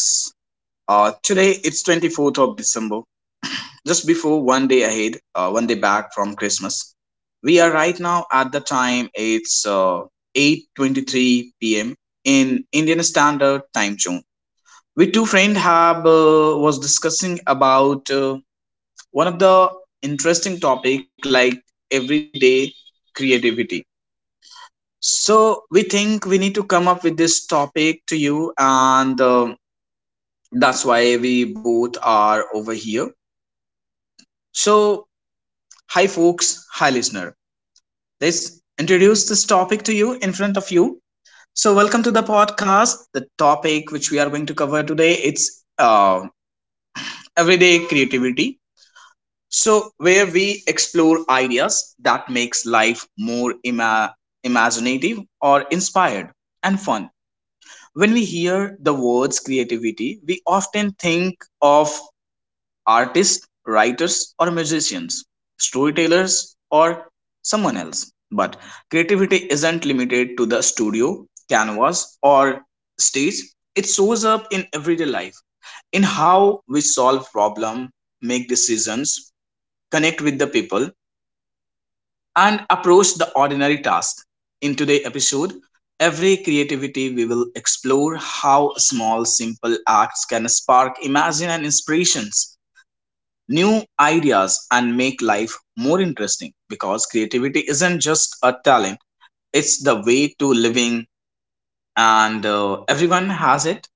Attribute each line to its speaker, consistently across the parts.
Speaker 1: Today it's 24th of December, just before one day ahead, one day back from Christmas. We are right now at the time it's 8:23 p.m. in Indian Standard Time Zone. We two friend have was discussing about one of the interesting topic like everyday creativity. So we think we need to come up with this topic to you and. That's why we both are over here. So, hi folks, hi listener. Let's introduce this topic to you in front of you. So, welcome to the podcast. The topic which we are going to cover today it's everyday creativity. So, where we explore ideas that makes life more imaginative or inspired and fun. When we hear the words creativity, we often think of artists, writers, or musicians, storytellers, or someone else. But creativity isn't limited to the studio, canvas, or stage. It shows up in everyday life, in how we solve problems, make decisions, connect with the people, and approach the ordinary task. In today's episode, every creativity we will explore how small, simple acts can spark imagine and inspirations, new ideas, and make life more interesting, because creativity isn't just a talent, it's the way to living, and everyone has it.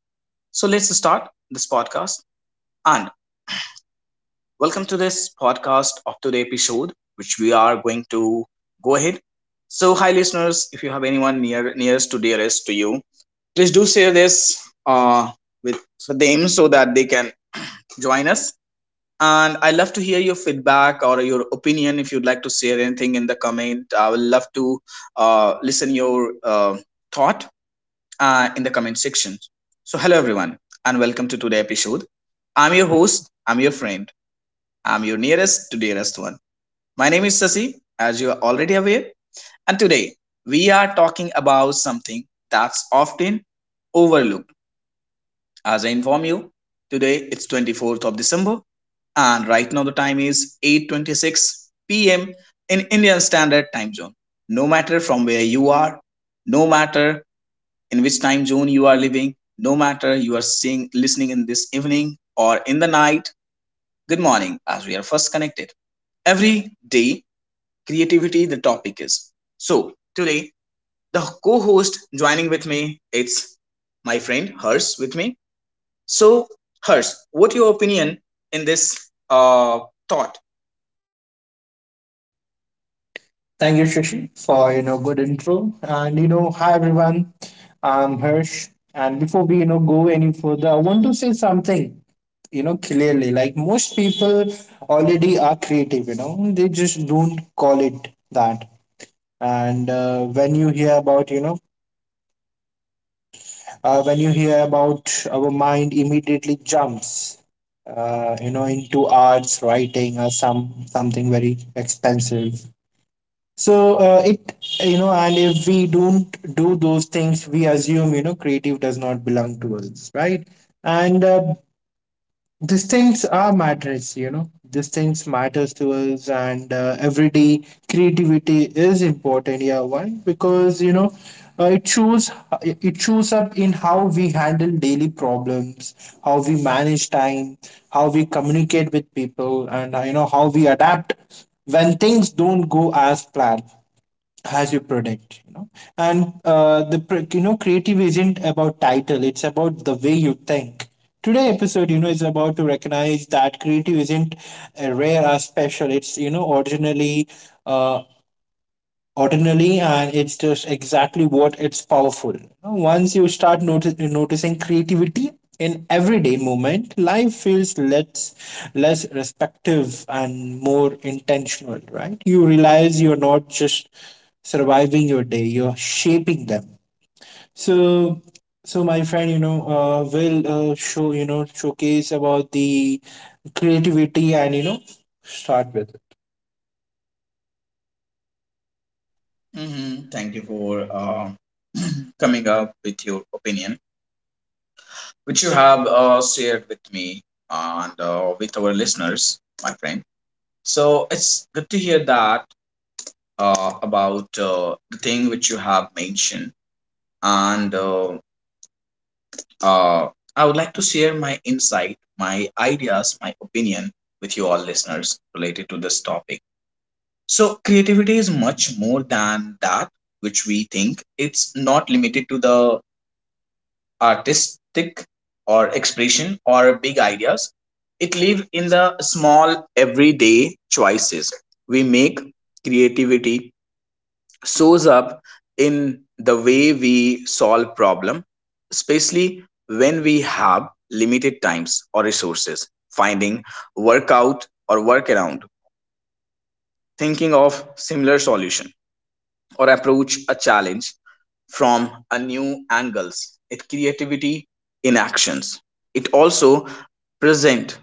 Speaker 1: So let's start this podcast and welcome to this podcast of today episode which we are going to go ahead. So hi listeners, if you have anyone near nearest to dearest to you, please do share this with for them so that they can join us. And I love to hear your feedback or your opinion if you'd like to share anything in the comment. I would love to listen your thought in the comment section. So hello everyone and welcome to today's episode. I'm your host. I'm your friend. I'm your nearest to dearest one. My name is Sasi, as you are already aware. And today we are talking about something that's often overlooked. As I inform you, today it's 24th of December and right now the time is 8:26 p.m. in Indian Standard Time Zone. No matter from where you are, no matter in which time zone you are living, no matter you are seeing listening in this evening or in the night, good morning as we are first connected. Every day creativity the topic is. So, today the co-host joining with me it's my friend Hers with me. So, Hers, what your opinion in this thought?
Speaker 2: Thank you, Shashi, for good intro. And hi everyone. I'm Hirsch. And before we go any further, I want to say something. Clearly, like most people already are creative. They just don't call it that. And when you hear about our mind, immediately jumps into arts writing or something very expensive. So And if we don't do those things, we assume creative does not belong to us, right? And these things are matters, These things matters to us, and everyday creativity is important. Yeah, why? Because uh, it shows it shows up in how we handle daily problems, how we manage time, how we communicate with people, and how we adapt when things don't go as planned as your product. And the pr- you know creative isn't about title, it's about the way you think. Today episode is about to recognize that creative isn't a rare or special, it's originally uh, ordinary, and it's just exactly what it's powerful. Once you start noticing creativity in everyday moment, life feels less respective and more intentional, right? You realize you're not just surviving your day, you're shaping them. So so my friend, will showcase about the creativity and start with.
Speaker 1: Thank you for coming up with your opinion, which you have shared with me and with our listeners, my friend. So it's good to hear that about the thing which you have mentioned. And uh, I would like to share my insight, my ideas, my opinion with you all listeners related to this topic. So, creativity is much more than that which we think. It's not limited to the artistic or expression or big ideas. It lives in the small everyday choices we make. Creativity shows up in the way we solve problem, especially when we have limited times or resources. Finding workout or workaround, thinking of similar solution, or approach a challenge from a new angles, it creativity in actions. It also present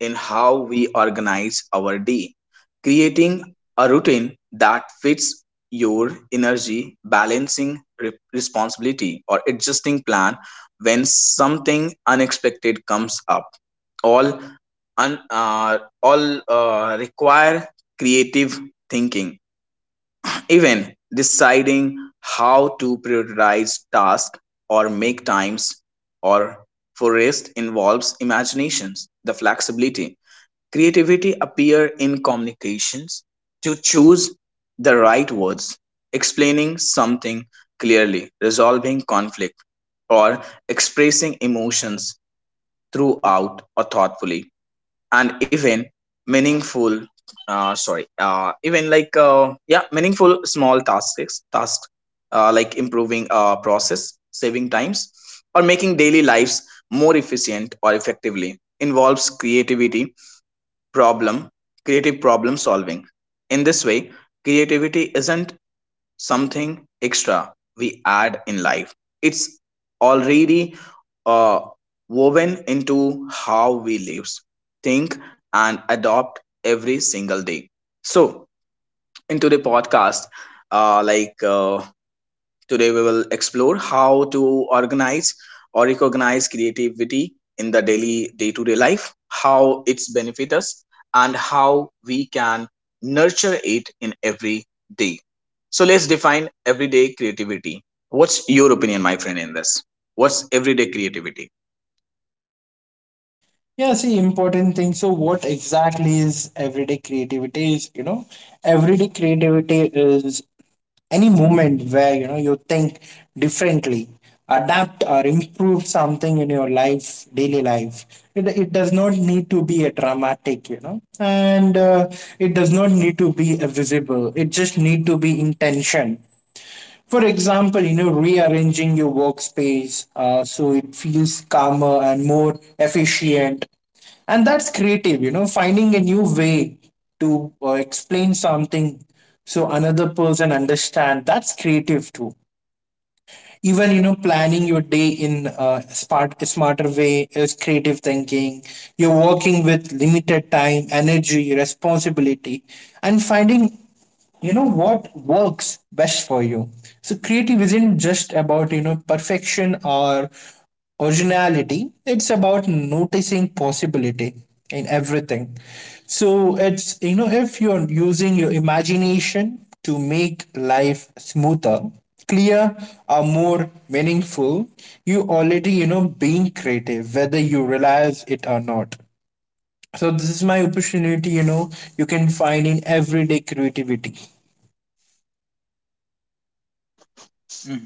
Speaker 1: in how we organize our day, creating a routine that fits your energy, balancing responsibility, or adjusting plan when something unexpected comes up. All un, uh, all uh, require creative thinking. Even deciding how to prioritize tasks or make times or for rest involves imaginations the flexibility. Creativity appear in communications, to choose the right words, explaining something clearly, resolving conflict, or expressing emotions throughout or thoughtfully. And even meaningful, sorry, even like yeah, meaningful small tasks, like improving process saving times or making daily lives more efficient or effectively involves creativity, problem creative problem solving in this way. Creativity isn't something extra we add in life. It's already uh, woven into how we live, think, and adopt every single day. So, into the podcast, uh, like uh, today, we will explore how to organize or recognize creativity in the daily day to day life, how it's benefit us, and how we can nurture it in every day. So, let's define everyday creativity. What's your opinion, my friend, in this? What's everyday creativity?
Speaker 2: Yeah, see, important thing. So, what exactly is everyday creativity? Everyday creativity is any moment where you think differently, adapt or improve something in your life, daily life. It does not need to be a dramatic, and it does not need to be a visible. It just need to be intention. For example, rearranging your workspace so it feels calmer and more efficient, and that's creative. Finding a new way to explain something so another person understand, that's creative too. Even planning your day in a smarter way is creative thinking. You're working with limited time, energy, responsibility, and finding what works best for you. So creative isn't just about perfection or originality, it's about noticing possibility in everything. So it's you know if you're using your imagination to make life smoother, clear, or more meaningful, you already being creative, whether you realize it or not. So this is my opportunity, you can find in everyday creativity.
Speaker 1: Mhm.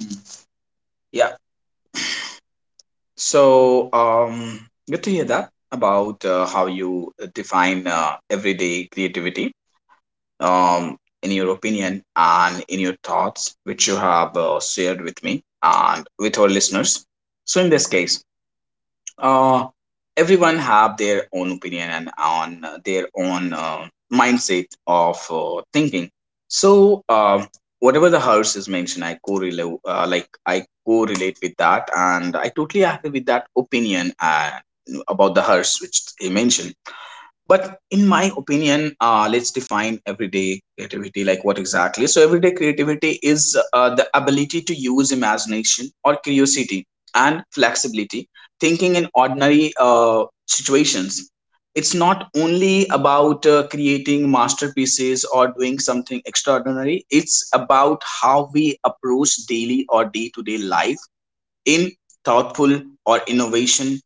Speaker 1: Yeah. So, good to hear that about how you define everyday creativity. In your opinion and in your thoughts, which you have shared with me and with our listeners. So in this case, uh, everyone have their own opinion and on their own mindset of thinking. So whatever the horse is mentioned, I correlate with that, and I totally agree with that opinion about the horse which he mentioned. But in my opinion, let's define everyday creativity, like what exactly. So everyday creativity is the ability to use imagination or curiosity and flexibility thinking in ordinary situations. It's not only about creating masterpieces or doing something extraordinary. It's about how we approach daily or day-to-day life in thoughtful or innovation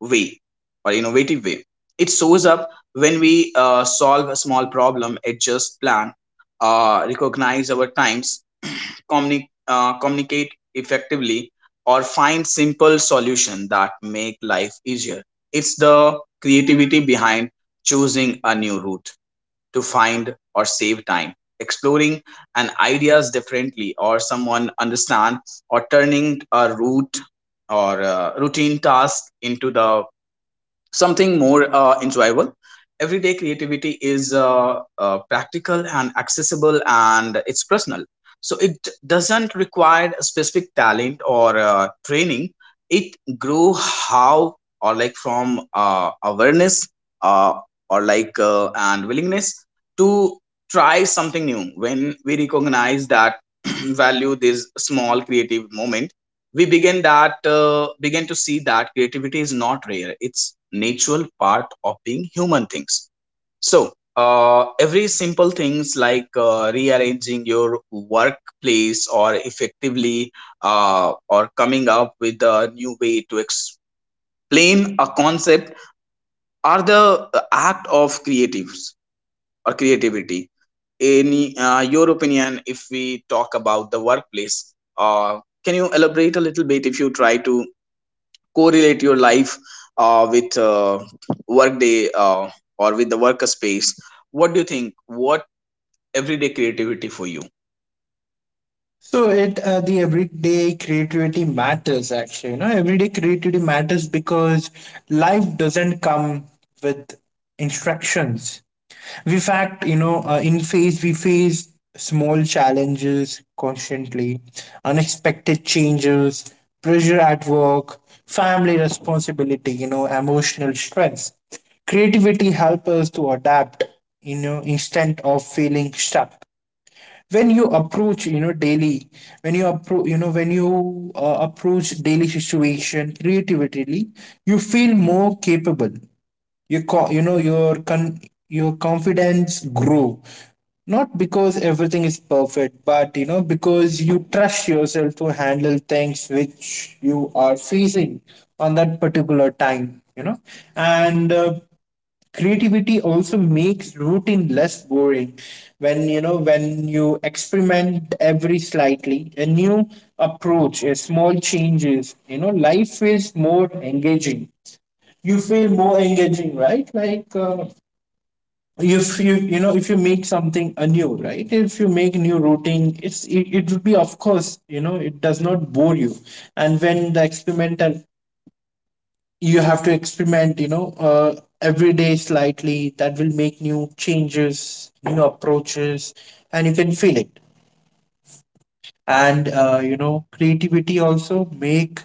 Speaker 1: way, or innovative way. It shows up when we solve a small problem, adjust plan, recognize our times, communicate effectively, or find simple solution that make life easier. It's the creativity behind choosing a new route to find or save time, exploring an ideas differently, or someone understand, or turning a route or routine task into the something more enjoyable. Everyday creativity is practical and accessible and it's personal. So it doesn't require a specific talent or training. It grew how or like from awareness, uh, or like and willingness to try something new. When we recognize that, value this small creative moment, we begin to see that creativity is not rare, it's natural part of being human things. So every simple things like rearranging your workplace or effectively, or coming up with a new way to explain a concept are the act of creatives or creativity. In your opinion, if we talk about the workplace, can you elaborate a little bit, if you try to correlate your life with workday, or with the workspace. What do you think? What everyday creativity for you?
Speaker 2: So it the everyday creativity matters actually. Everyday creativity matters because life doesn't come with instructions. We fact, you know, in face we face small challenges constantly, unexpected changes, pressure at work, family responsibility, emotional stress. Creativity helps us to adapt, instead of feeling stuck. When you approach you know daily when you approach you know when you approach daily situation creatively, you feel more capable. Your your confidence grow, not because everything is perfect, but because you trust yourself to handle things which you are facing on that particular time. And creativity also makes routine less boring. When you experiment every slightly a new approach, a small changes, life is more engaging. You feel more engaging, right? If you make something anew, right, if you make new routine, it will be, of course, it does not bore you. And when the experimental you have to experiment, every day slightly that will make new changes, new approaches, and you can feel it. And creativity also make,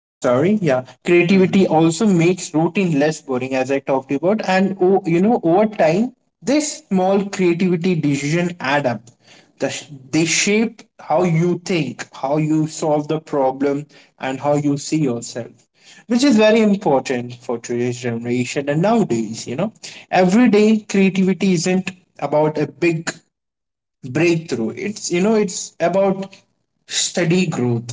Speaker 2: I'm sorry. Yeah. Creativity
Speaker 1: Mhm.
Speaker 2: also makes routine less boring, as I talked about. And, oh, over time, this small creativity decision add up. The sh- they shape how you think, how you solve the problem, and how you see yourself, which is very important for today's generation and nowadays. Every day creativity isn't about a big breakthrough, it's you know it's about steady growth,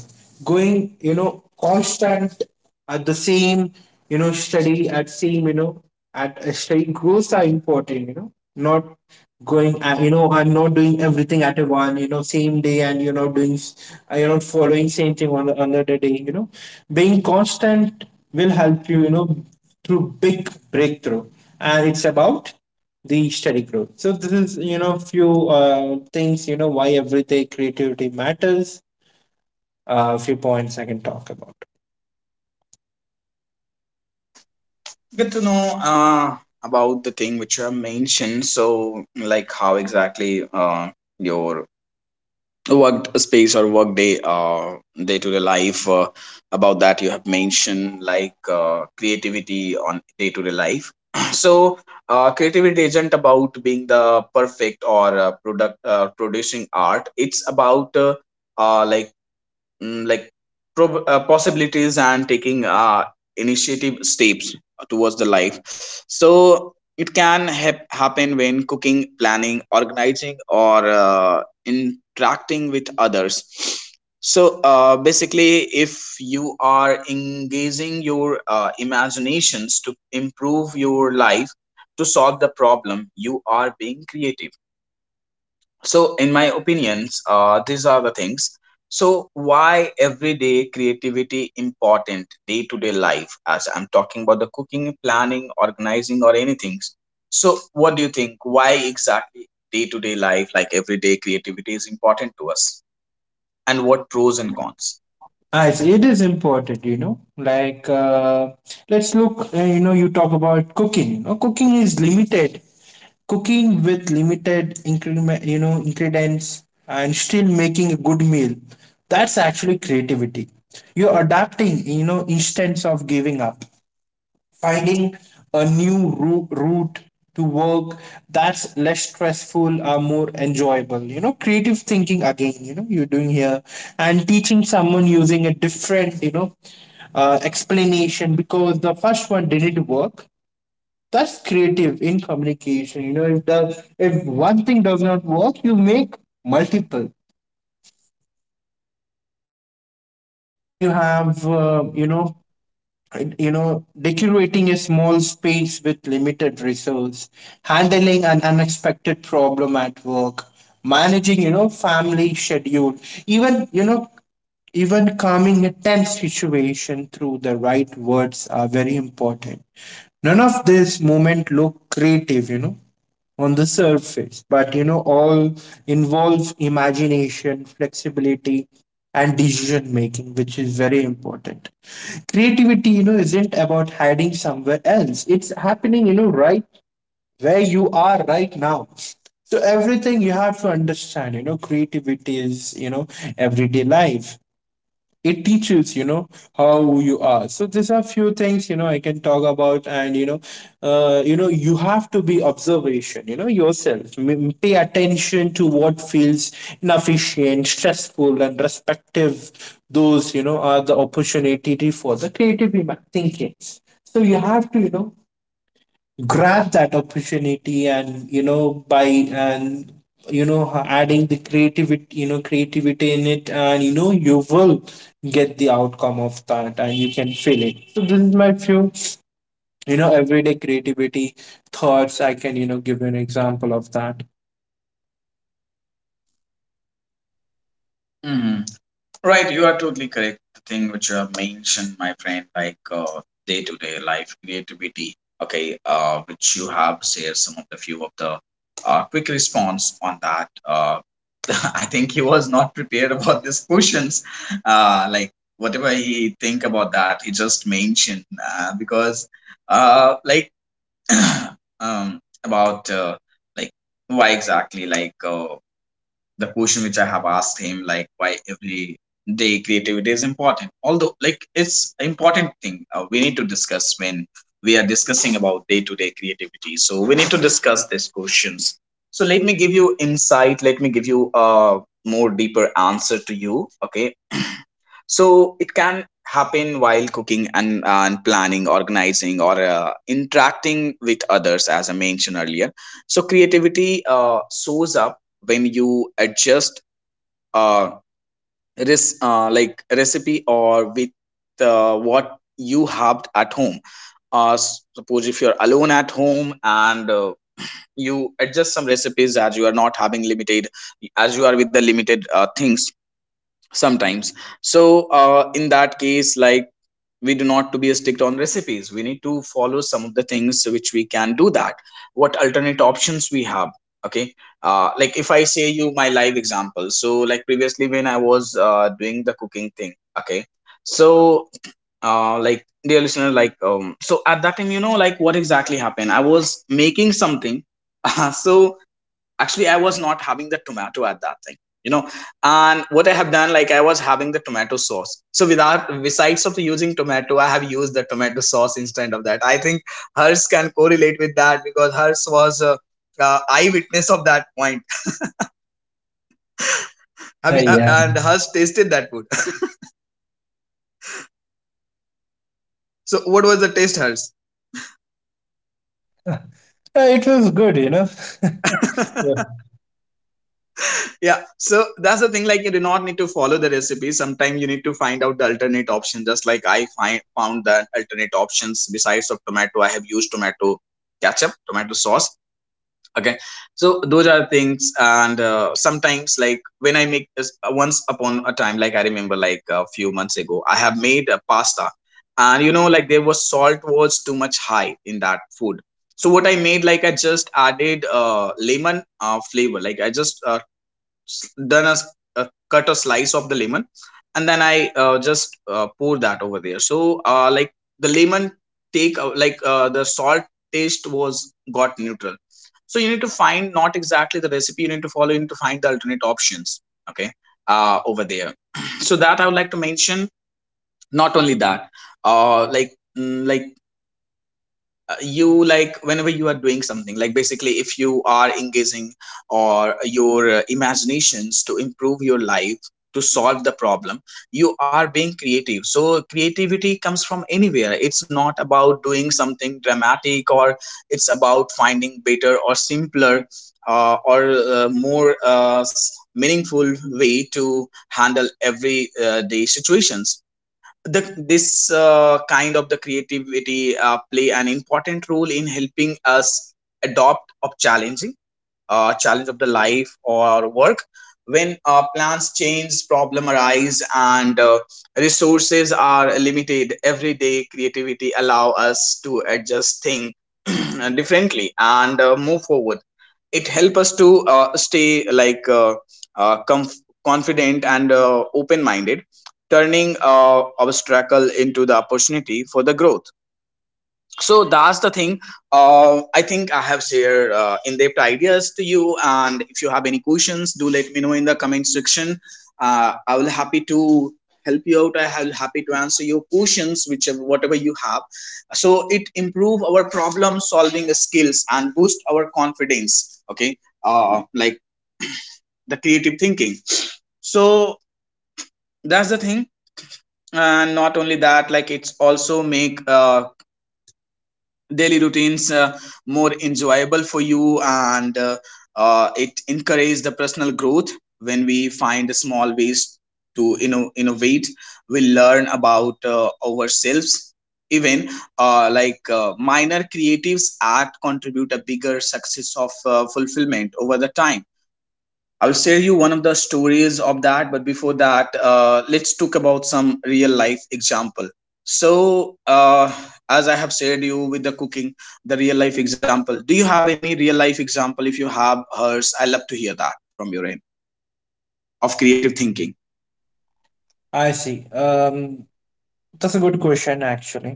Speaker 2: going constant at the same, steady at same, at a steady growth are important. Not going I'm not doing everything at a one, same day, and you're not doing you're not following same thing on the another day. Being constant will help you, you know through big breakthrough. And it's about the study group. So this is, few things, why everyday creativity matters. Few points I can talk about.
Speaker 1: Good to know uh, about the thing which you have mentioned. So, like, how exactly your work space or workday day-to-day life, about that you have mentioned, like creativity on day-to-day life. So creativity isn't about being the perfect or product producing art. It's about like, like, possibilities and taking initiative steps towards the life. So it can happen when cooking, planning, organizing, or interacting with others. So basically, if you are engaging your imaginations to improve your life, to solve the problem, you are being creative. So in my opinions, these are the things. So why everyday creativity important day to day life, as I'm talking about the cooking, planning, organizing, or anything. So what do you think, why exactly day to day life like everyday creativity is important to us, and what
Speaker 2: It
Speaker 1: pros
Speaker 2: is,
Speaker 1: and cons?
Speaker 2: as it is important, let's look you know you talk about cooking. Cooking is limited. Cooking with limited increment you know ingredients and still making a good meal, that's actually creativity. You're adapting, instance of giving up, finding a route to work that's less stressful or more enjoyable. Creative thinking again, you're doing here. And teaching someone using a different, explanation because the first one didn't work, that's creative in communication. If the if one thing does not work, you make multiple, then you have, and, decorating a small space with limited resource, handling an unexpected problem at work, managing, family schedule, even, even calming a tense situation through the right words are very important. None of this moment look creative, on the surface, but all involve imagination, flexibility, and decision making, which is very important. Creativity, isn't about hiding somewhere else, it's happening, right where you are right now. So, everything you have to understand, creativity is, everyday life. It teaches how you are. So these are few things, I can talk about. And you have to be observation, yourself. Pay attention to what feels inefficient, stressful, and respective. Those, are the opportunity for the creative thinking. So you have to, grab that opportunity, and you know by and you know adding the creativity, creativity in it, and you will get the outcome of that, and you can feel it. So this is my few, everyday creativity thoughts, I can give you an example of that.
Speaker 1: Right, you are totally correct. The thing which you have mentioned, my friend, like day-to-day life creativity. Okay, which you have shared some of the few of the quick response on that. I think he was not prepared about these questions. Like whatever he think about that, he just mentioned, because, like, um, about, like why exactly, like the question which I have asked him, like why every day creativity is important. Although, like it's an important thing, we need to discuss when we are discussing about day to day creativity. So we need to discuss these questions. So let me give you insight. Let me give you a more deeper answer to you. Okay. So it can happen while cooking and planning, organizing, or interacting with others, as I mentioned earlier. So creativity shows up when you adjust uh, recipe or with what you have at home. Suppose if you're alone at home and you adjust some recipes as you are not having limited as you are with the limited things sometimes. So in that case, like, we do not to be strict on recipes. We need to follow some of the things which we can do that, what alternate options we have. Okay. Like, if I say you my live example, so like previously when I was doing the cooking thing, okay. So like, dear listener, like, so at that time, you know, like what exactly happened, I was making something. So actually I was not having the tomato at that thing, you know. And what I have done, like, I was having the tomato sauce, so without besides of using tomato, I have used the tomato sauce instead of that. I think hers can correlate with that because hers was eyewitness of that point. Have you
Speaker 2: Yeah.
Speaker 1: and hers tasted that food? So what was the taste hers?
Speaker 2: It was good, Yeah.
Speaker 1: Yeah, so that's the thing. Like, you do not need to follow the recipe. Sometimes you need to find out the alternate option. Just like I find found the alternate options besides of tomato, I have used tomato ketchup, tomato sauce. Okay, so those are things. And sometimes, like when I make this, once upon a time, like I remember, like a few months ago, I have made a pasta, and you know, like there was salt was too much high in that food. So what I made, like I just added lemon flavor. Like I just done a cut a slice of the lemon, and then I just pour that over there. So like the lemon take the salt taste was got neutral. So you need to find, not exactly the recipe you need to follow, you need to find the alternate options, okay, over there. So that I would like to mention. Not only that, like, like, you, like, whenever you are doing something, like basically if you are engaging or your imaginations to improve your life, to solve the problem, you are being creative. So creativity comes from anywhere. It's not about doing something dramatic, or it's about finding better or simpler or more meaningful way to handle everyday situations. The this uh, kind of the creativity play an important role in helping us adopt of challenging challenge of the life or work. When plans change, problem arise, and resources are limited, every day creativity allow us to adjust things differently and move forward. It help us to stay like confident and open minded, turning obstacle into the opportunity for the growth. So that's the thing. I think I have shared in-depth ideas to you, and if you have any questions, do let me know in the comment section. I will happy to help you out. I will happy to answer your questions whichever whatever you have. So it improve our problem solving skills and boost our confidence. Okay, like the creative thinking. So that's the thing. And not only that, like it's also make daily routines more enjoyable for you, and it encourages the personal growth. When we find small ways to innovate, we learn about ourselves. Even like minor creatives act contribute a bigger success of fulfillment over the time. I'll share you one of the stories of that, but before that, let's talk about some real life example. So, as I have shared you with the cooking, the real life example. Do you have any real life example? If you have hers, I love to hear that from your end of creative thinking.
Speaker 2: I see. That's a good question actually.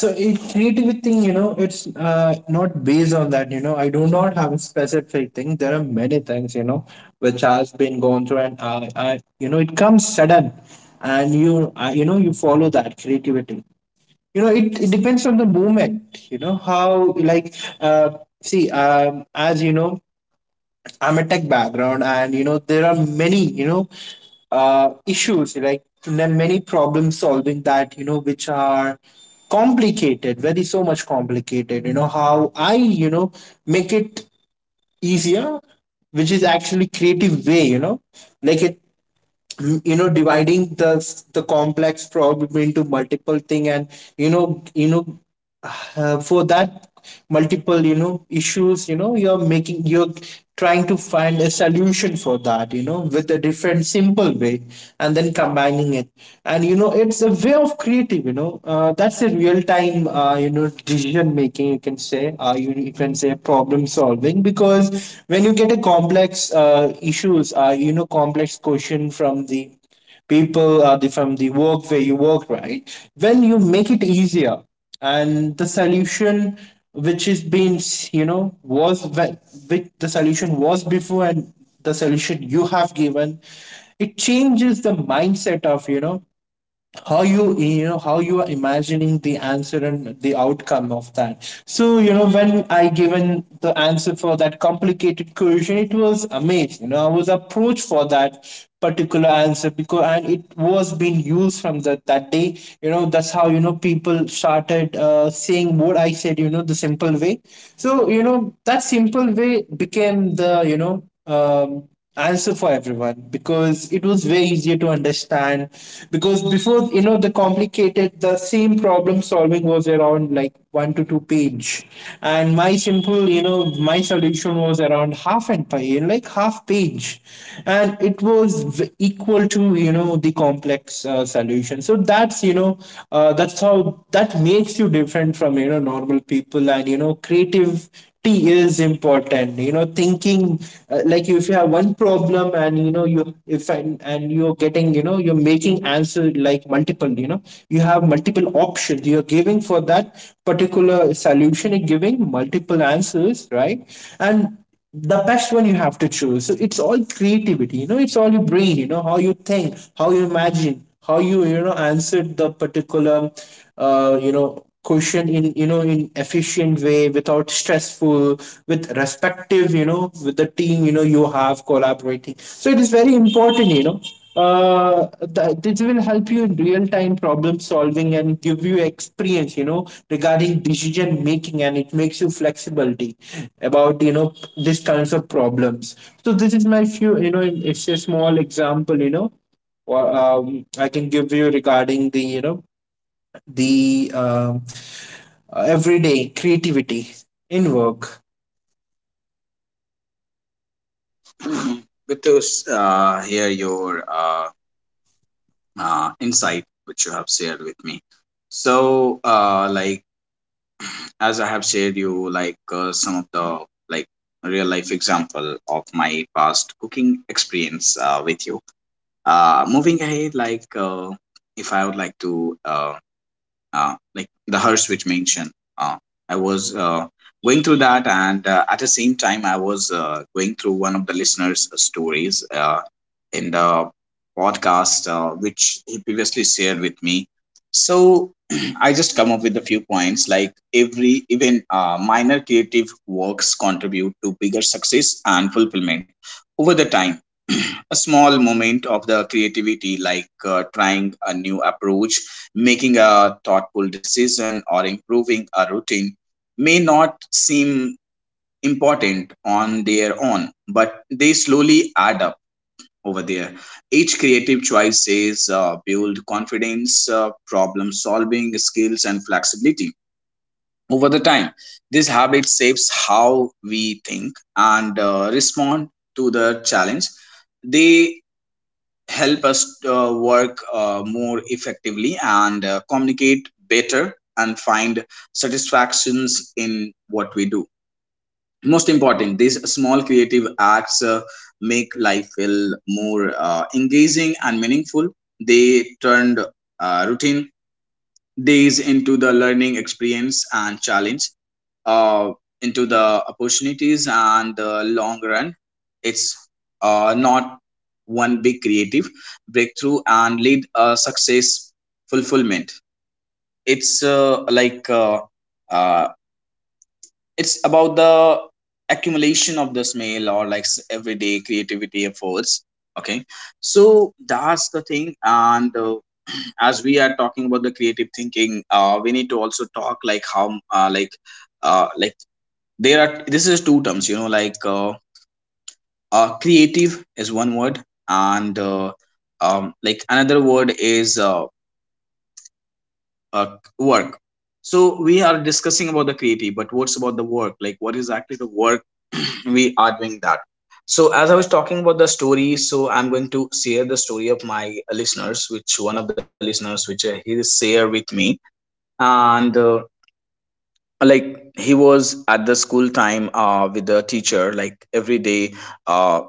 Speaker 2: So in creativity, thing, it's not based on that. You know I do not have a specific thing. There are many things, which has been gone through, and I it comes sudden, and you follow that creativity. It depends on the moment. How, like, uh, see, as you know, I'm a tech background, and there are many, issues, like there are many problem solving that, which are complicated, very so much complicated. You know how I, make it easier, which is actually creative way. Like it mm, you know dividing the the complex problem into multiple thing, and you know you know for that multiple, issues, you're making, you're trying to find a solution for that, with a different simple way, and then combining it. And it's a way of creative, that's a real time, decision making, you can say, you, you can say problem solving, because when you get a complex issues, complex question from the people, from the work where you work, right, when you make it easier. And the solution, which is being, you know was ve- which the solution was before, and the solution you have given, it changes the mindset of, how you, you know how you are imagining the answer and the outcome of that. So when I given the answer for that complicated question, it was amazed, I was approached for that particular answer, because, and it was being used from that day. That's how, people started, saying what I said, the simple way. So that simple way became the, answer for everyone, because it was way easier to understand, because before, the complicated, the same problem solving was around like one to two page, and my simple, my solution was around half and pie and like half page. And it was equal to the complex solution. So that's how that makes you different from normal people, and creative T is important, thinking. Like, if you have one problem and you know you if and you're getting, you're making answer like multiple, you have multiple options you're giving for that particular solution. You're giving multiple answers, right? And the best one you have to choose. So it's all creativity, it's all your brain, how you think, how you imagine, how you you know answered the particular question in, in efficient way without stressful, with respective, with the team you have collaborating. So it is very important, uh, this will help you in real time problem solving and give you experience, regarding decision making, and it makes you flexibility about, these kinds of problems. So this is my few, it's a small example, or I can give you regarding the, the um, everyday creativity in work.
Speaker 1: Mhm. Good to hear your uh, insight, which you have shared with me. So, like, as I have shared you, like some of the, like, real life example of my past cooking experience with you. Moving ahead, like if I would like to like the Hirsch which mentioned, uh, I was going through that, and at the same time I was going through one of the listeners' stories. In the podcast, which he previously shared with me. So I just come up with a few points like every, even minor creative works contribute to bigger success and fulfillment over the time. A small moment of the creativity, like trying a new approach, making a thoughtful decision, or improving a routine, may not seem important on their own, but they slowly add up over there. Each creative choice is build confidence, problem solving skills, and flexibility over the time. This habit shapes how we think and respond to the challenge. They help us work more effectively and communicate better and find satisfactions in what we do. Most important, these small creative acts make life feel more engaging and meaningful. They turned routine days into the learning experience, and challenge uh, into the opportunities, and the long run, it's not one big creative breakthrough and lead a success fulfillment. It's uh, it's about the accumulation of the smell, or like everyday creativity efforts. Okay. So that's the thing. And as we are talking about the creative thinking, we need to also talk like how, like, there are, this is two terms, you know, like creative is one word, and like another word is uh, work. So we are discussing about the creative, but what's about the work? Like what is actually the work we are doing that? So as I was talking about the story, so I'm going to share the story of my listeners, which one of the listeners, which he share with me. And like, he was at the school time with the teacher, like every day uh,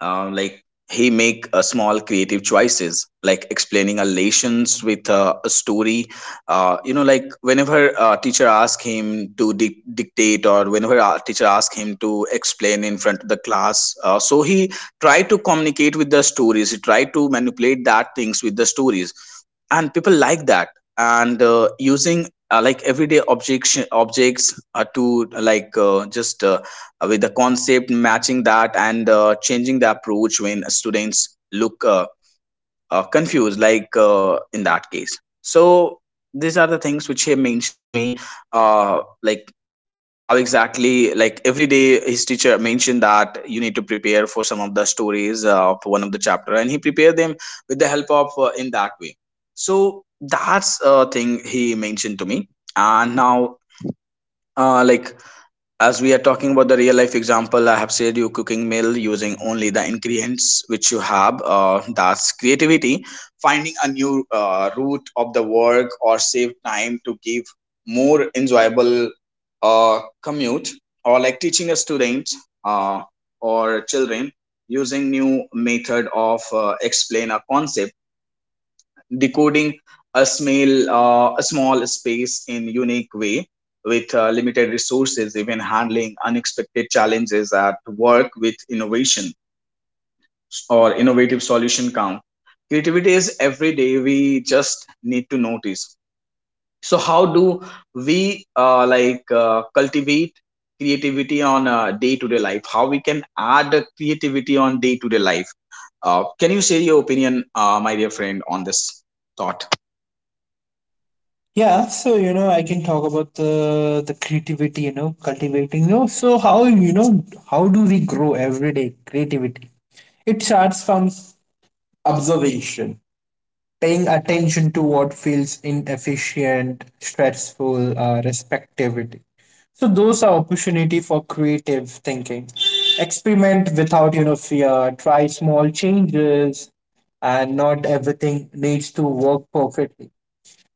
Speaker 1: like, he make a small creative choices like explaining a relations with a story. You know, like whenever a teacher ask him to dictate or whenever a teacher ask him to explain in front of the class, so he try to communicate with the stories. He try to manipulate that things with the stories, and people like that. And using like everyday objects, objects to like just with the concept matching that, and changing the approach when students look confused, like in that case. So these are the things which he mentioned to me, like how exactly, like every day his teacher mentioned that you need to prepare for some of the stories for one of the chapter, and he prepared them with the help of in that way. So that's a thing he mentioned to me. And now like, as we are talking about the real life example, I have said you cooking meal using only the ingredients which you have. That's creativity, finding a new route of the work or save time to give more enjoyable commute, or like teaching a student uh, or children using new method of explain a concept, decoding a small space in unique way with limited resources, even handling unexpected challenges at work with innovation or innovative solution count. Creativity is every day. We just need to notice. So how do we cultivate creativity on a day-to-day life? How we can add creativity on day-to-day life? Can you share your opinion, my dear friend, on this thought?
Speaker 2: Yeah, so I can talk about the creativity, cultivating. You know, so how you know how do we grow every day creativity? It starts from observation, paying attention to what feels inefficient, stressful, respectivity. So those are opportunity for creative thinking. Experiment without fear. Try small changes, and not everything needs to work perfectly.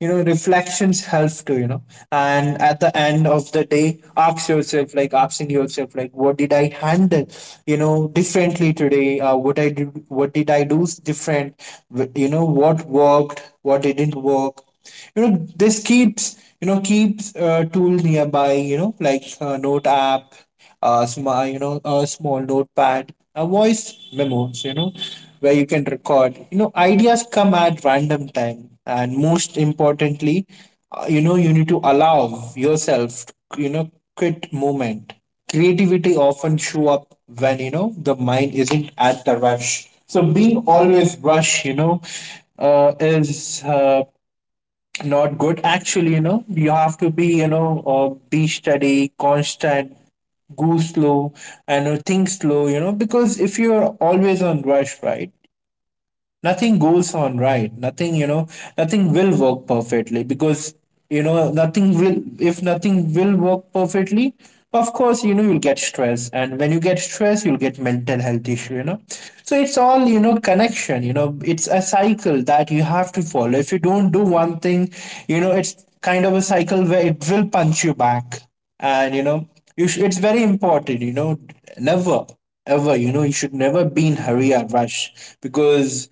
Speaker 2: Reflections help too. And at the end of the day, ask yourself, like asking yourself like what did I handle differently today? What did I do different? What worked, what didn't work? You know this keeps you know keeps a tool nearby, like a note app, a small notepad, a voice memos, where you can record. You know ideas come at random time. And most importantly, you need to allow yourself, you know, quit moment. Creativity often show up when the mind isn't at the rush. So being always rush, you know, is not good actually. You have to be, be steady, constant, go slow, and think slow. Because if you're always on rush, right, nothing goes on right. nothing you know Nothing will work perfectly. Because, nothing will work perfectly, of course you'll get stress, and when you get stress, you'll get mental health issue, so it's all, connection. It's a cycle that you have to follow. If you don't do one thing, it's kind of a cycle where it will punch you back. And you know you sh- It's very important, never ever, you should never be in hurry or rush. Because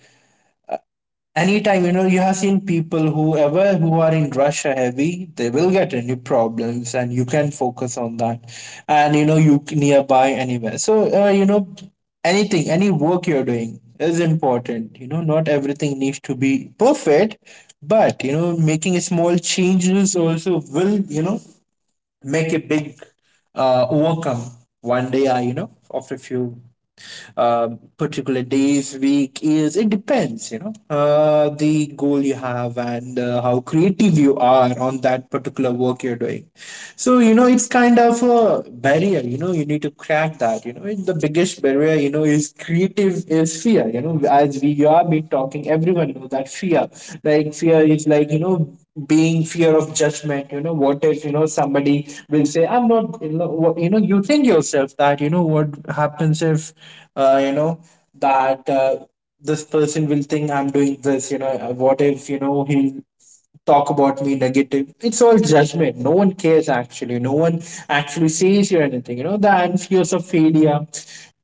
Speaker 2: anytime, you have seen people whoever who are in russia heavy, they will get any problems, and you can focus on that, and nearby anywhere. So uh, you know anything, any work you're doing is important. Not everything needs to be perfect, but making small changes also will, make a big overcome one day. I you know After a few uh, particular days, week, years. It depends, the goal you have and how creative you are on that particular work you're doing. So, it's kind of a barrier, you need to crack that, and the biggest barrier, is creative is fear, as we have been talking, everyone knows that fear, like fear is like, being fear of judgment. What if, somebody will say I'm not, you think yourself that, what happens if, you know that this person will think I'm doing this, what if, he'll talk about me negative. It's all judgment. No one cares actually. No one actually says you anything. You know, the and fears of failure.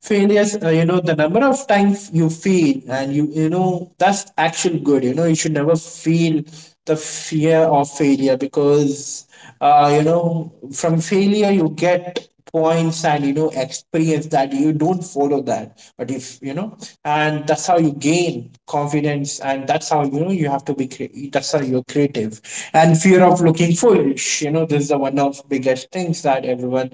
Speaker 2: Failures, the number of times you fail, and you, that's actually good. You know you should never feel the fear of failure. Because from failure you get points, and experience, that you don't follow that. But if and that's how you gain confidence, and that's how, you have to be that's how you're creative. And fear of looking foolish, this is the one of biggest things that everyone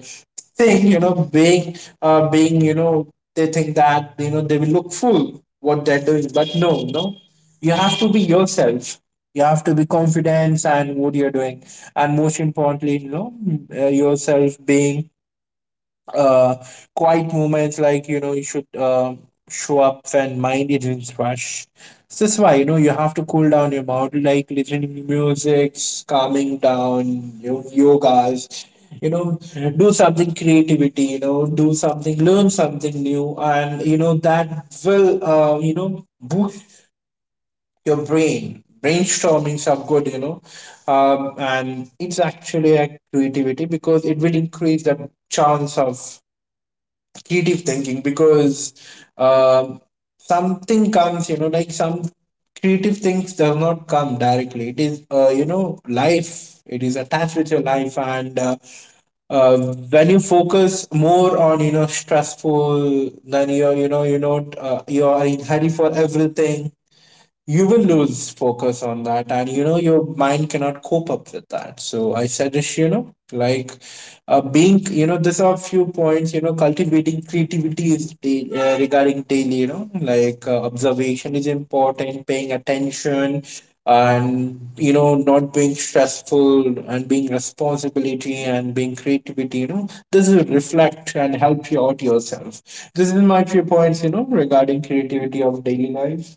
Speaker 2: think, being they think that, they will look fool what they're doing. But no, no, you have to be yourself. You have to be confident and what you're doing. And most importantly, yourself being uh quiet moments, like, you should show up when mind isn't rush. So that's why, you have to cool down your mind, like listening to music, calming down, you yogas, you know do something creativity, do something, learn something new. And that will boost your brainstormings are good, and it's actually a creativity because it will increase the chance of creative thinking. Because um something comes, like some creative things does not come directly. It is life, it is attached with your life, and uh, when you focus more on, stressful, then you're, you're not you're in hurry for everything, you will lose focus on that. And your mind cannot cope up with that. So I suggest, being, there's are few points, cultivating creativity is regarding daily, like observation is important, paying attention, and not being stressful, and being responsibility, and being creativity, this will reflect and help you out yourself. This is my few points, regarding creativity of daily life.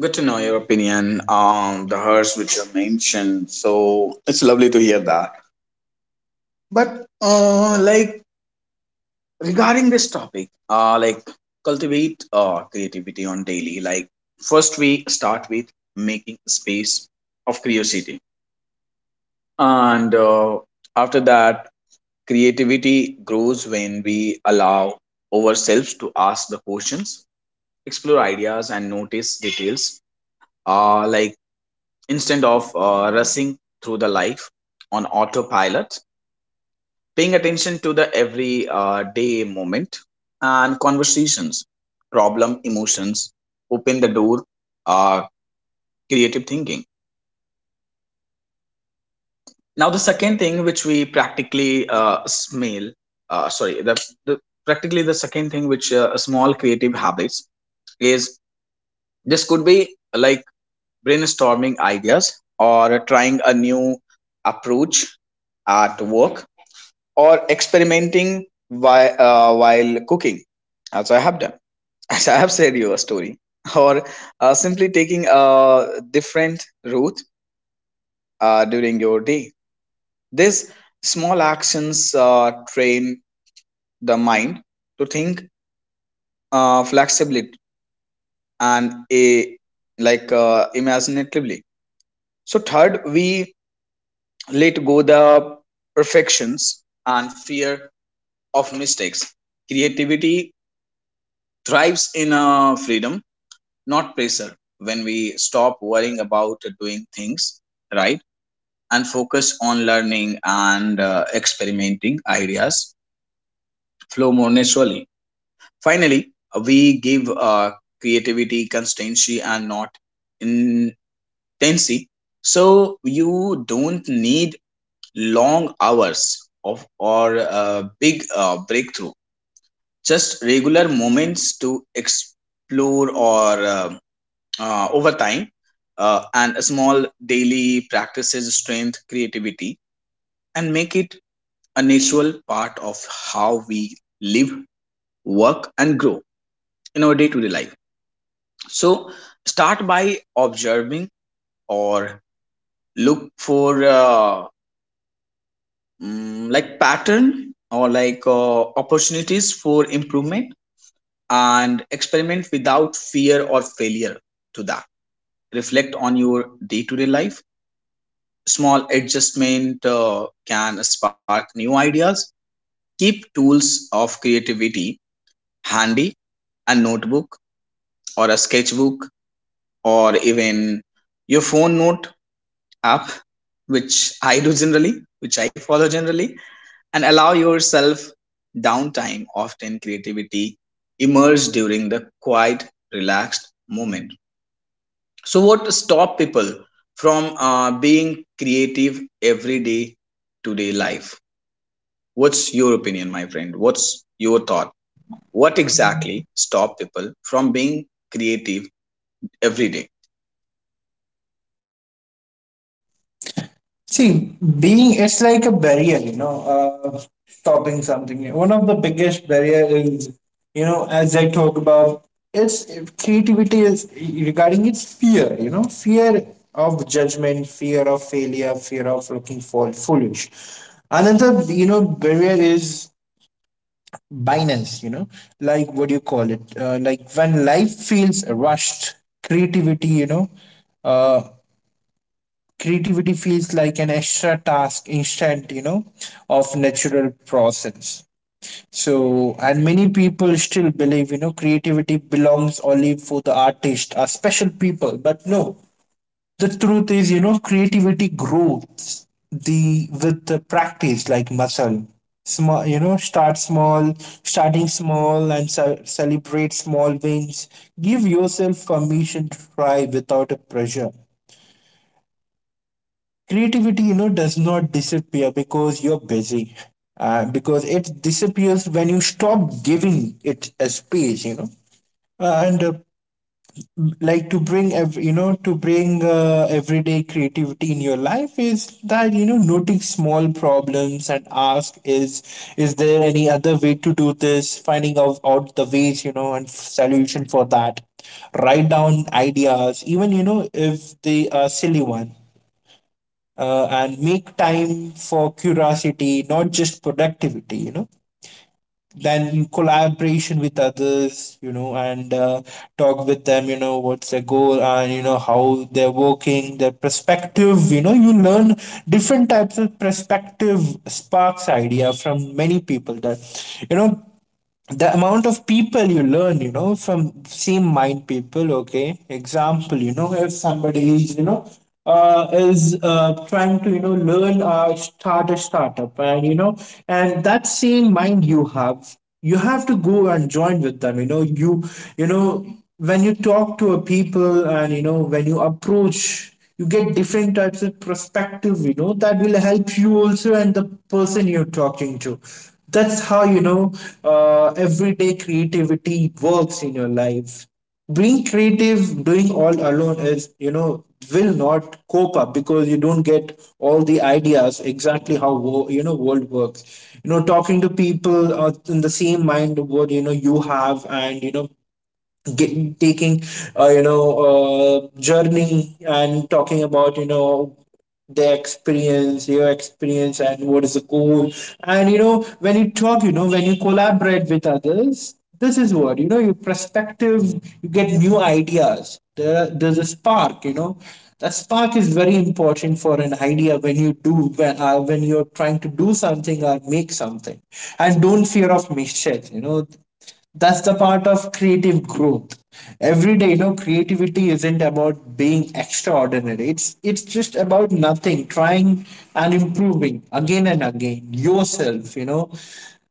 Speaker 1: Good to know your opinion on the hearse which you mentioned. So it's lovely to hear that. But like, regarding this topic, like, cultivate creativity on daily. Like, first we start with making space of curiosity, and after that, creativity grows when we allow ourselves to ask the questions, explore ideas, and notice details. Like, instead of rushing through the life on autopilot, paying attention to the every day moment and conversations, problem, emotions, open the door, uh, creative thinking. Now, the second thing which we practically smell, sorry, the practically the second thing which small creative habits is, this could be like brainstorming ideas or trying a new approach at work, or experimenting while cooking, as I have done, as I have said you a story, or simply taking a different route during your day. These small actions train the mind to think flexibly and a like imaginatively. So third, we let go the perfections and fear of mistakes. Creativity thrives in freedom not pressure. When we stop worrying about doing things right and focus on learning and experimenting, ideas flow more naturally. Finally, we give creativity constancy and not intensity. So you don't need long hours of or big breakthrough, just regular moments to explore or over time. And a small daily practices strength creativity and make it a natural part of how we live, work and grow in our day-to-day life. So start by observing or look for like pattern or like opportunities for improvement, and experiment without fear or failure to that. Reflect on your day-to-day life. Small adjustment can spark new ideas. Keep tools of creativity handy, a notebook or a sketchbook or even your phone note app, which I do generally, which I follow generally, and allow yourself downtime. Often creativity emerges during the quiet, relaxed moment. So, what stop people from being creative every day today life? What's your opinion, my friend? What's your thought? What exactly stop people from being creative every day?
Speaker 2: See, being it's like a barrier, stopping something. One of the biggest barrier is, as I talk about, it's creativity is regarding its fear. You know, fear of judgment, fear of failure, fear of looking for foolish. Another, barrier is binance. You know, like, what do you call it? Like, when life feels rushed, creativity. Uh, creativity feels like an extra task, instead, of natural process. So, and many people still believe, creativity belongs only for the artist or special people. But no, the truth is, creativity grows the with the practice, like muscle. Small you know Start small, starting small and celebrate small wins. Give yourself permission to try without a pressure. Creativity, does not disappear because you're busy, because it disappears when you stop giving it a space, and like, to bring every, to bring everyday creativity in your life is that, noting small problems and ask, is there any other way to do this? Finding out the ways, and solution for that. Write down ideas, even if they are silly one. And make time for curiosity, not just productivity, Then collaboration with others, and talk with them, what's their goal, and, how they're working, their perspective, you learn different types of perspective, sparks idea from many people. That, you know, the amount of people you learn, from same mind people, okay? Example, if somebody is, trying to, learn or start a startup, and, and that same mind you have to go and join with them, you know, when you talk to a people, and, when you approach, you get different types of perspective, that will help you also, and the person you're talking to. That's how, everyday creativity works in your life. Being creative doing all alone is, will not cope up, because you don't get all the ideas exactly how world works. Talking to people, in the same mind what, you have, and, get, taking journey, and talking about, their experience, your experience, and what is the goal. And when you talk, when you collaborate with others, this is what, your perspective, you get new ideas. There's a spark, that spark is very important for an idea, when you do, when you're trying to do something or make something. And don't fear of mistakes, that's the part of creative growth. Every day, creativity isn't about being extraordinary, it's just about nothing trying and improving again and again yourself,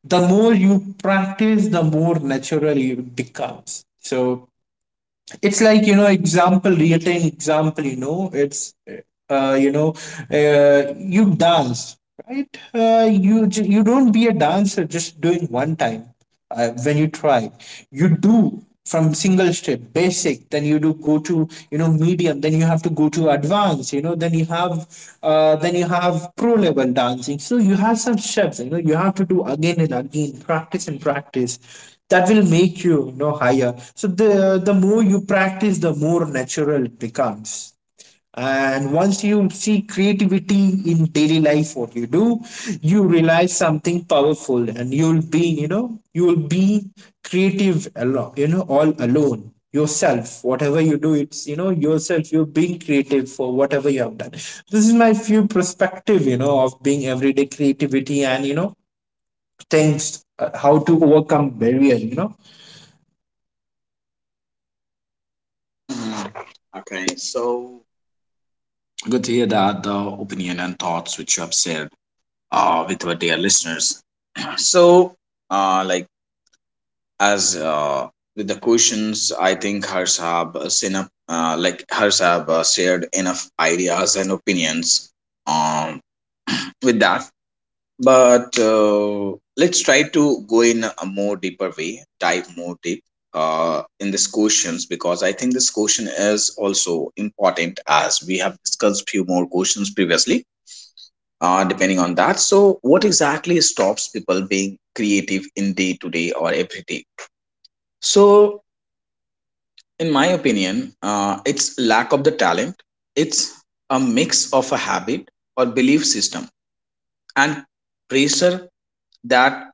Speaker 2: the more you practice, the more natural it becomes. So it's like, example, real time example, you know it's you know you dance, right? You don't be a dancer just doing one time. When you try, you do from single step basic, then you do go to, medium, then you have to go to advanced, then you have, then you have pro level dancing. So you have some steps, you have to do again and again practice and practice, that will make you, you know higher. So the more you practice, the more natural it becomes. And once you see creativity in daily life, what you do, you realize something powerful, and you'll be, you'll be creative alone, all alone yourself, whatever you do, it's, yourself, you're being creative for whatever you have done. This is my few perspective, of being everyday creativity, and you know things how to overcome barrier,
Speaker 1: Mhm. Okay, so good to hear that the opinion and thoughts which you have shared with our dear listeners. So, like as with the questions, I think Harsh have seen up, like Harsh have shared enough ideas and opinions, um, with that. But let's try to go in a more deeper way, dive more deep in this questions, because I think this question is also important as we have discussed few more questions previously depending on that. So what exactly stops people being creative in day to day or every day? So in my opinion, it's lack of the talent. It's a mix of a habit or belief system and pressure that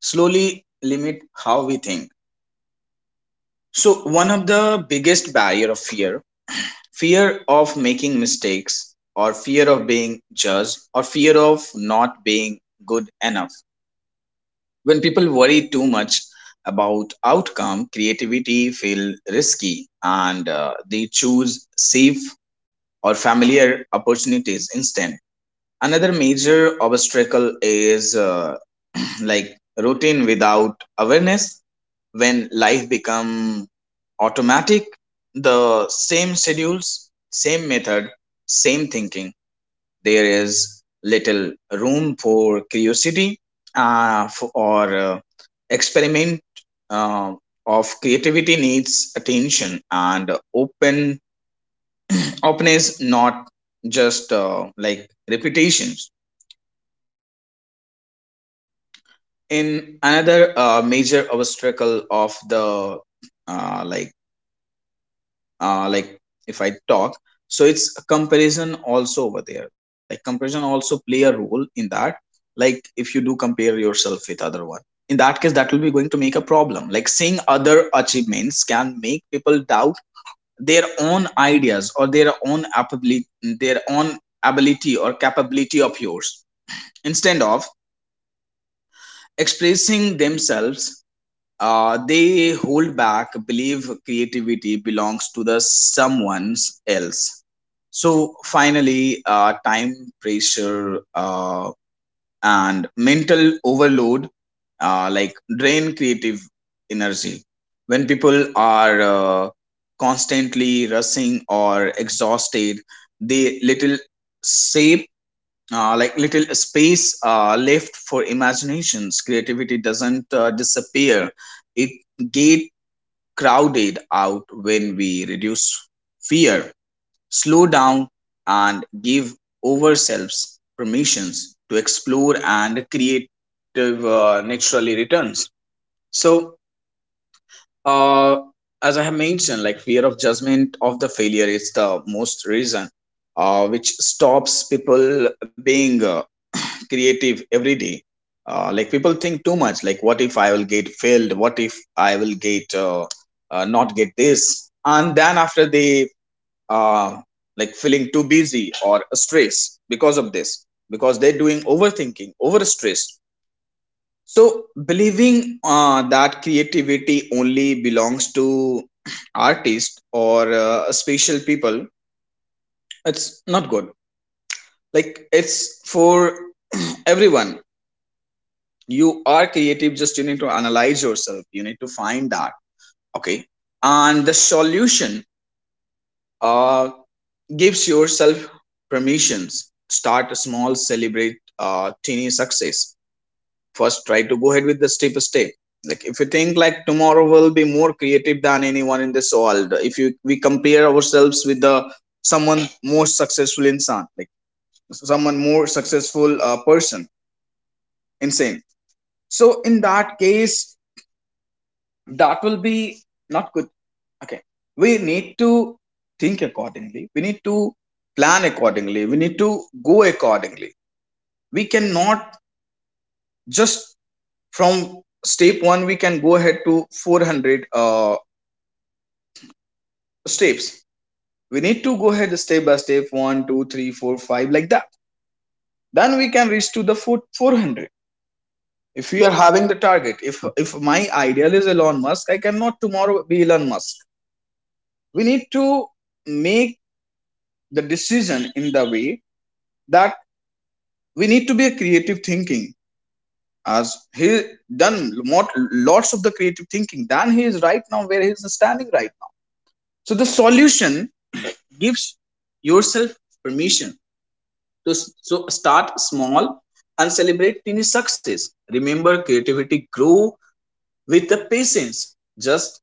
Speaker 1: slowly limit how we think. So one of the biggest barrier of fear, fear of making mistakes or fear of being judged or fear of not being good enough. When people worry too much about outcome, creativity feel risky and they choose safe or familiar opportunities instead. Another major obstacle is like routine without awareness. When life become automatic, the same schedules, same method, same thinking, there is little room for curiosity for, or experiment uh, of. Creativity needs attention and openness, not just like repetitions. In another major obstacle of the uh, like like, if I talk, so it's a comparison also over there. Like comparison also play a role in that. Like if you do compare yourself with other one, in that case, that will be going to make a problem. Like seeing other achievements can make people doubt their own ideas or their own ability or capability of yours. Instead of expressing themselves, they hold back, believe creativity belongs to the someone else. So finally, time pressure and mental overload like drain creative energy. When people are constantly rushing or exhausted, they little shape like little space left for imaginations. Creativity doesn't disappear; it get crowded out. When we reduce fear, slow down and give ourselves permissions to explore, and creative naturally returns. So uh, as I have mentioned, like fear of judgment of the failure is the most reason which stops people being creative every day. Like people think too much, like what if I will get failed, what if I will get not get this. And then after they uh, like feeling too busy or stressed because of this, because they're doing overthinking, over stress. So believing that creativity only belongs to artists or special people, it's not good. Like it's for everyone. You are creative, just you need to analyze yourself, you need to find that. Okay. And the solution, uh, gives yourself permissions, start small, celebrate teeny success. First try to go ahead with the step step. Like if you think like tomorrow will be more creative than anyone in this world, if you we compare ourselves with the someone more successful insan, like someone more successful person, insane, so in that case that will be not good. Okay. We need to think accordingly, we need to plan accordingly, we need to go accordingly. We cannot just from step one we can go ahead to 400 steps. We need to go ahead step by step, 1, 2, 3, 4, 5, like that. Then we can reach to the four, 400. If we are having the target, if my ideal is Elon Musk, I cannot tomorrow be Elon Musk. We need to make the decision in the way that we need to be a creative thinking, as he done lots of the creative thinking, then he is right now where he is standing, right. So the solution, gives yourself permission to, so start small and celebrate tiny success. Remember, creativity grow with the patience, just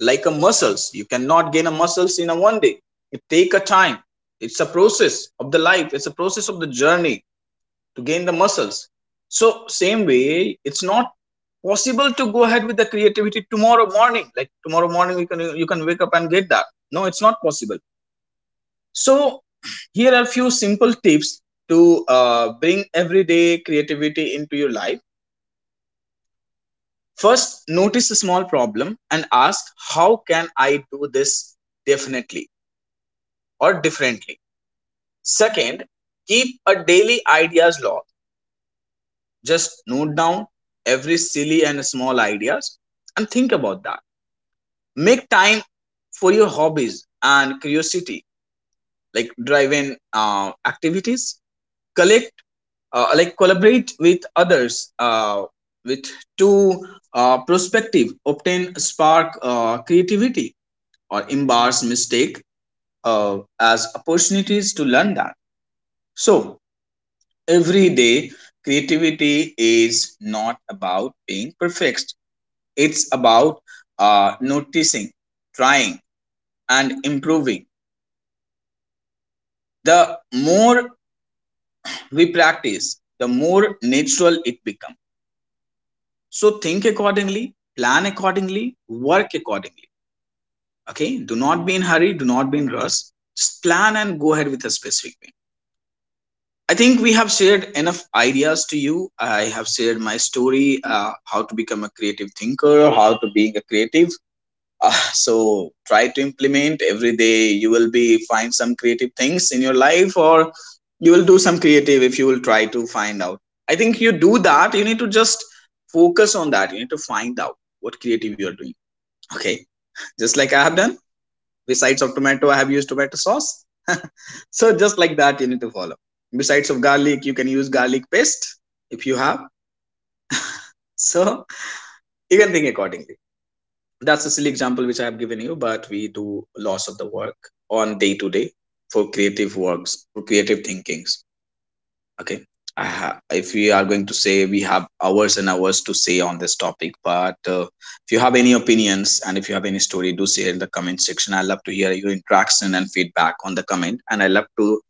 Speaker 1: like a muscles. You cannot gain a muscles in a one day. It take a time. It's a process of the life. It's a process of the journey to gain the muscles. So same way, it's not possible to go ahead with the creativity tomorrow morning. Like tomorrow morning, you can wake up and get that. No, it's not possible. So here are few simple tips to bring everyday creativity into your life. First, notice a small problem and ask, how can I do this definitely or differently? Second, keep a daily ideas log. Just note down every silly and small ideas and think about that. Make time for your hobbies and curiosity, like driving activities. Collect like collaborate with others with two perspective obtain spark creativity, or embrace mistake as opportunities to learn that. So every day creativity is not about being perfect, it's about noticing, trying and improving. The more we practice, the more natural it becomes. So think accordingly, plan accordingly, work accordingly. Okay, do not be in hurry, do not be in rush. Just plan and go ahead with a specific way. I think we have shared enough ideas to you. I have shared my story, how to become a creative thinker, how to being a creative so try to implement every day. You will be find some creative things in your life, or you will do some creative if you will try to find out. I think you do that, you need to just focus on that, you need to find out what creative you are doing. Okay. Just like I have done, besides of tomato I have used tomato sauce so just like that you need to follow. Besides of garlic you can use garlic paste, if you have. So you can think accordingly. That's a silly example which I have given you, but we do loss of the work on day to day for creative works, for creative thinkings. Okay. If we are going to say we have hours and hours to say on this topic, but if you have any opinions and if you have any story, do share in the comment section. I love to hear your interaction and feedback on the comment, and I love to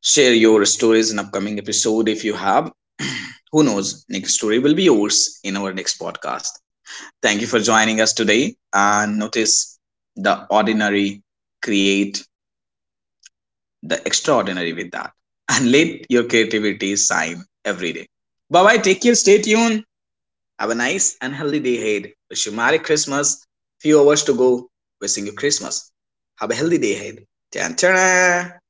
Speaker 1: share your stories in upcoming episode if you have. Who knows? Next story will be yours in our next podcast. Thank you for joining us today, and notice the ordinary, create the extraordinary with that. And let your creativity shine every day. Bye bye, take care, stay tuned. Have a nice and healthy day ahead. Wish you Merry Christmas. Few hours to go. Wishing you Christmas. Have a healthy day ahead. Tan tan.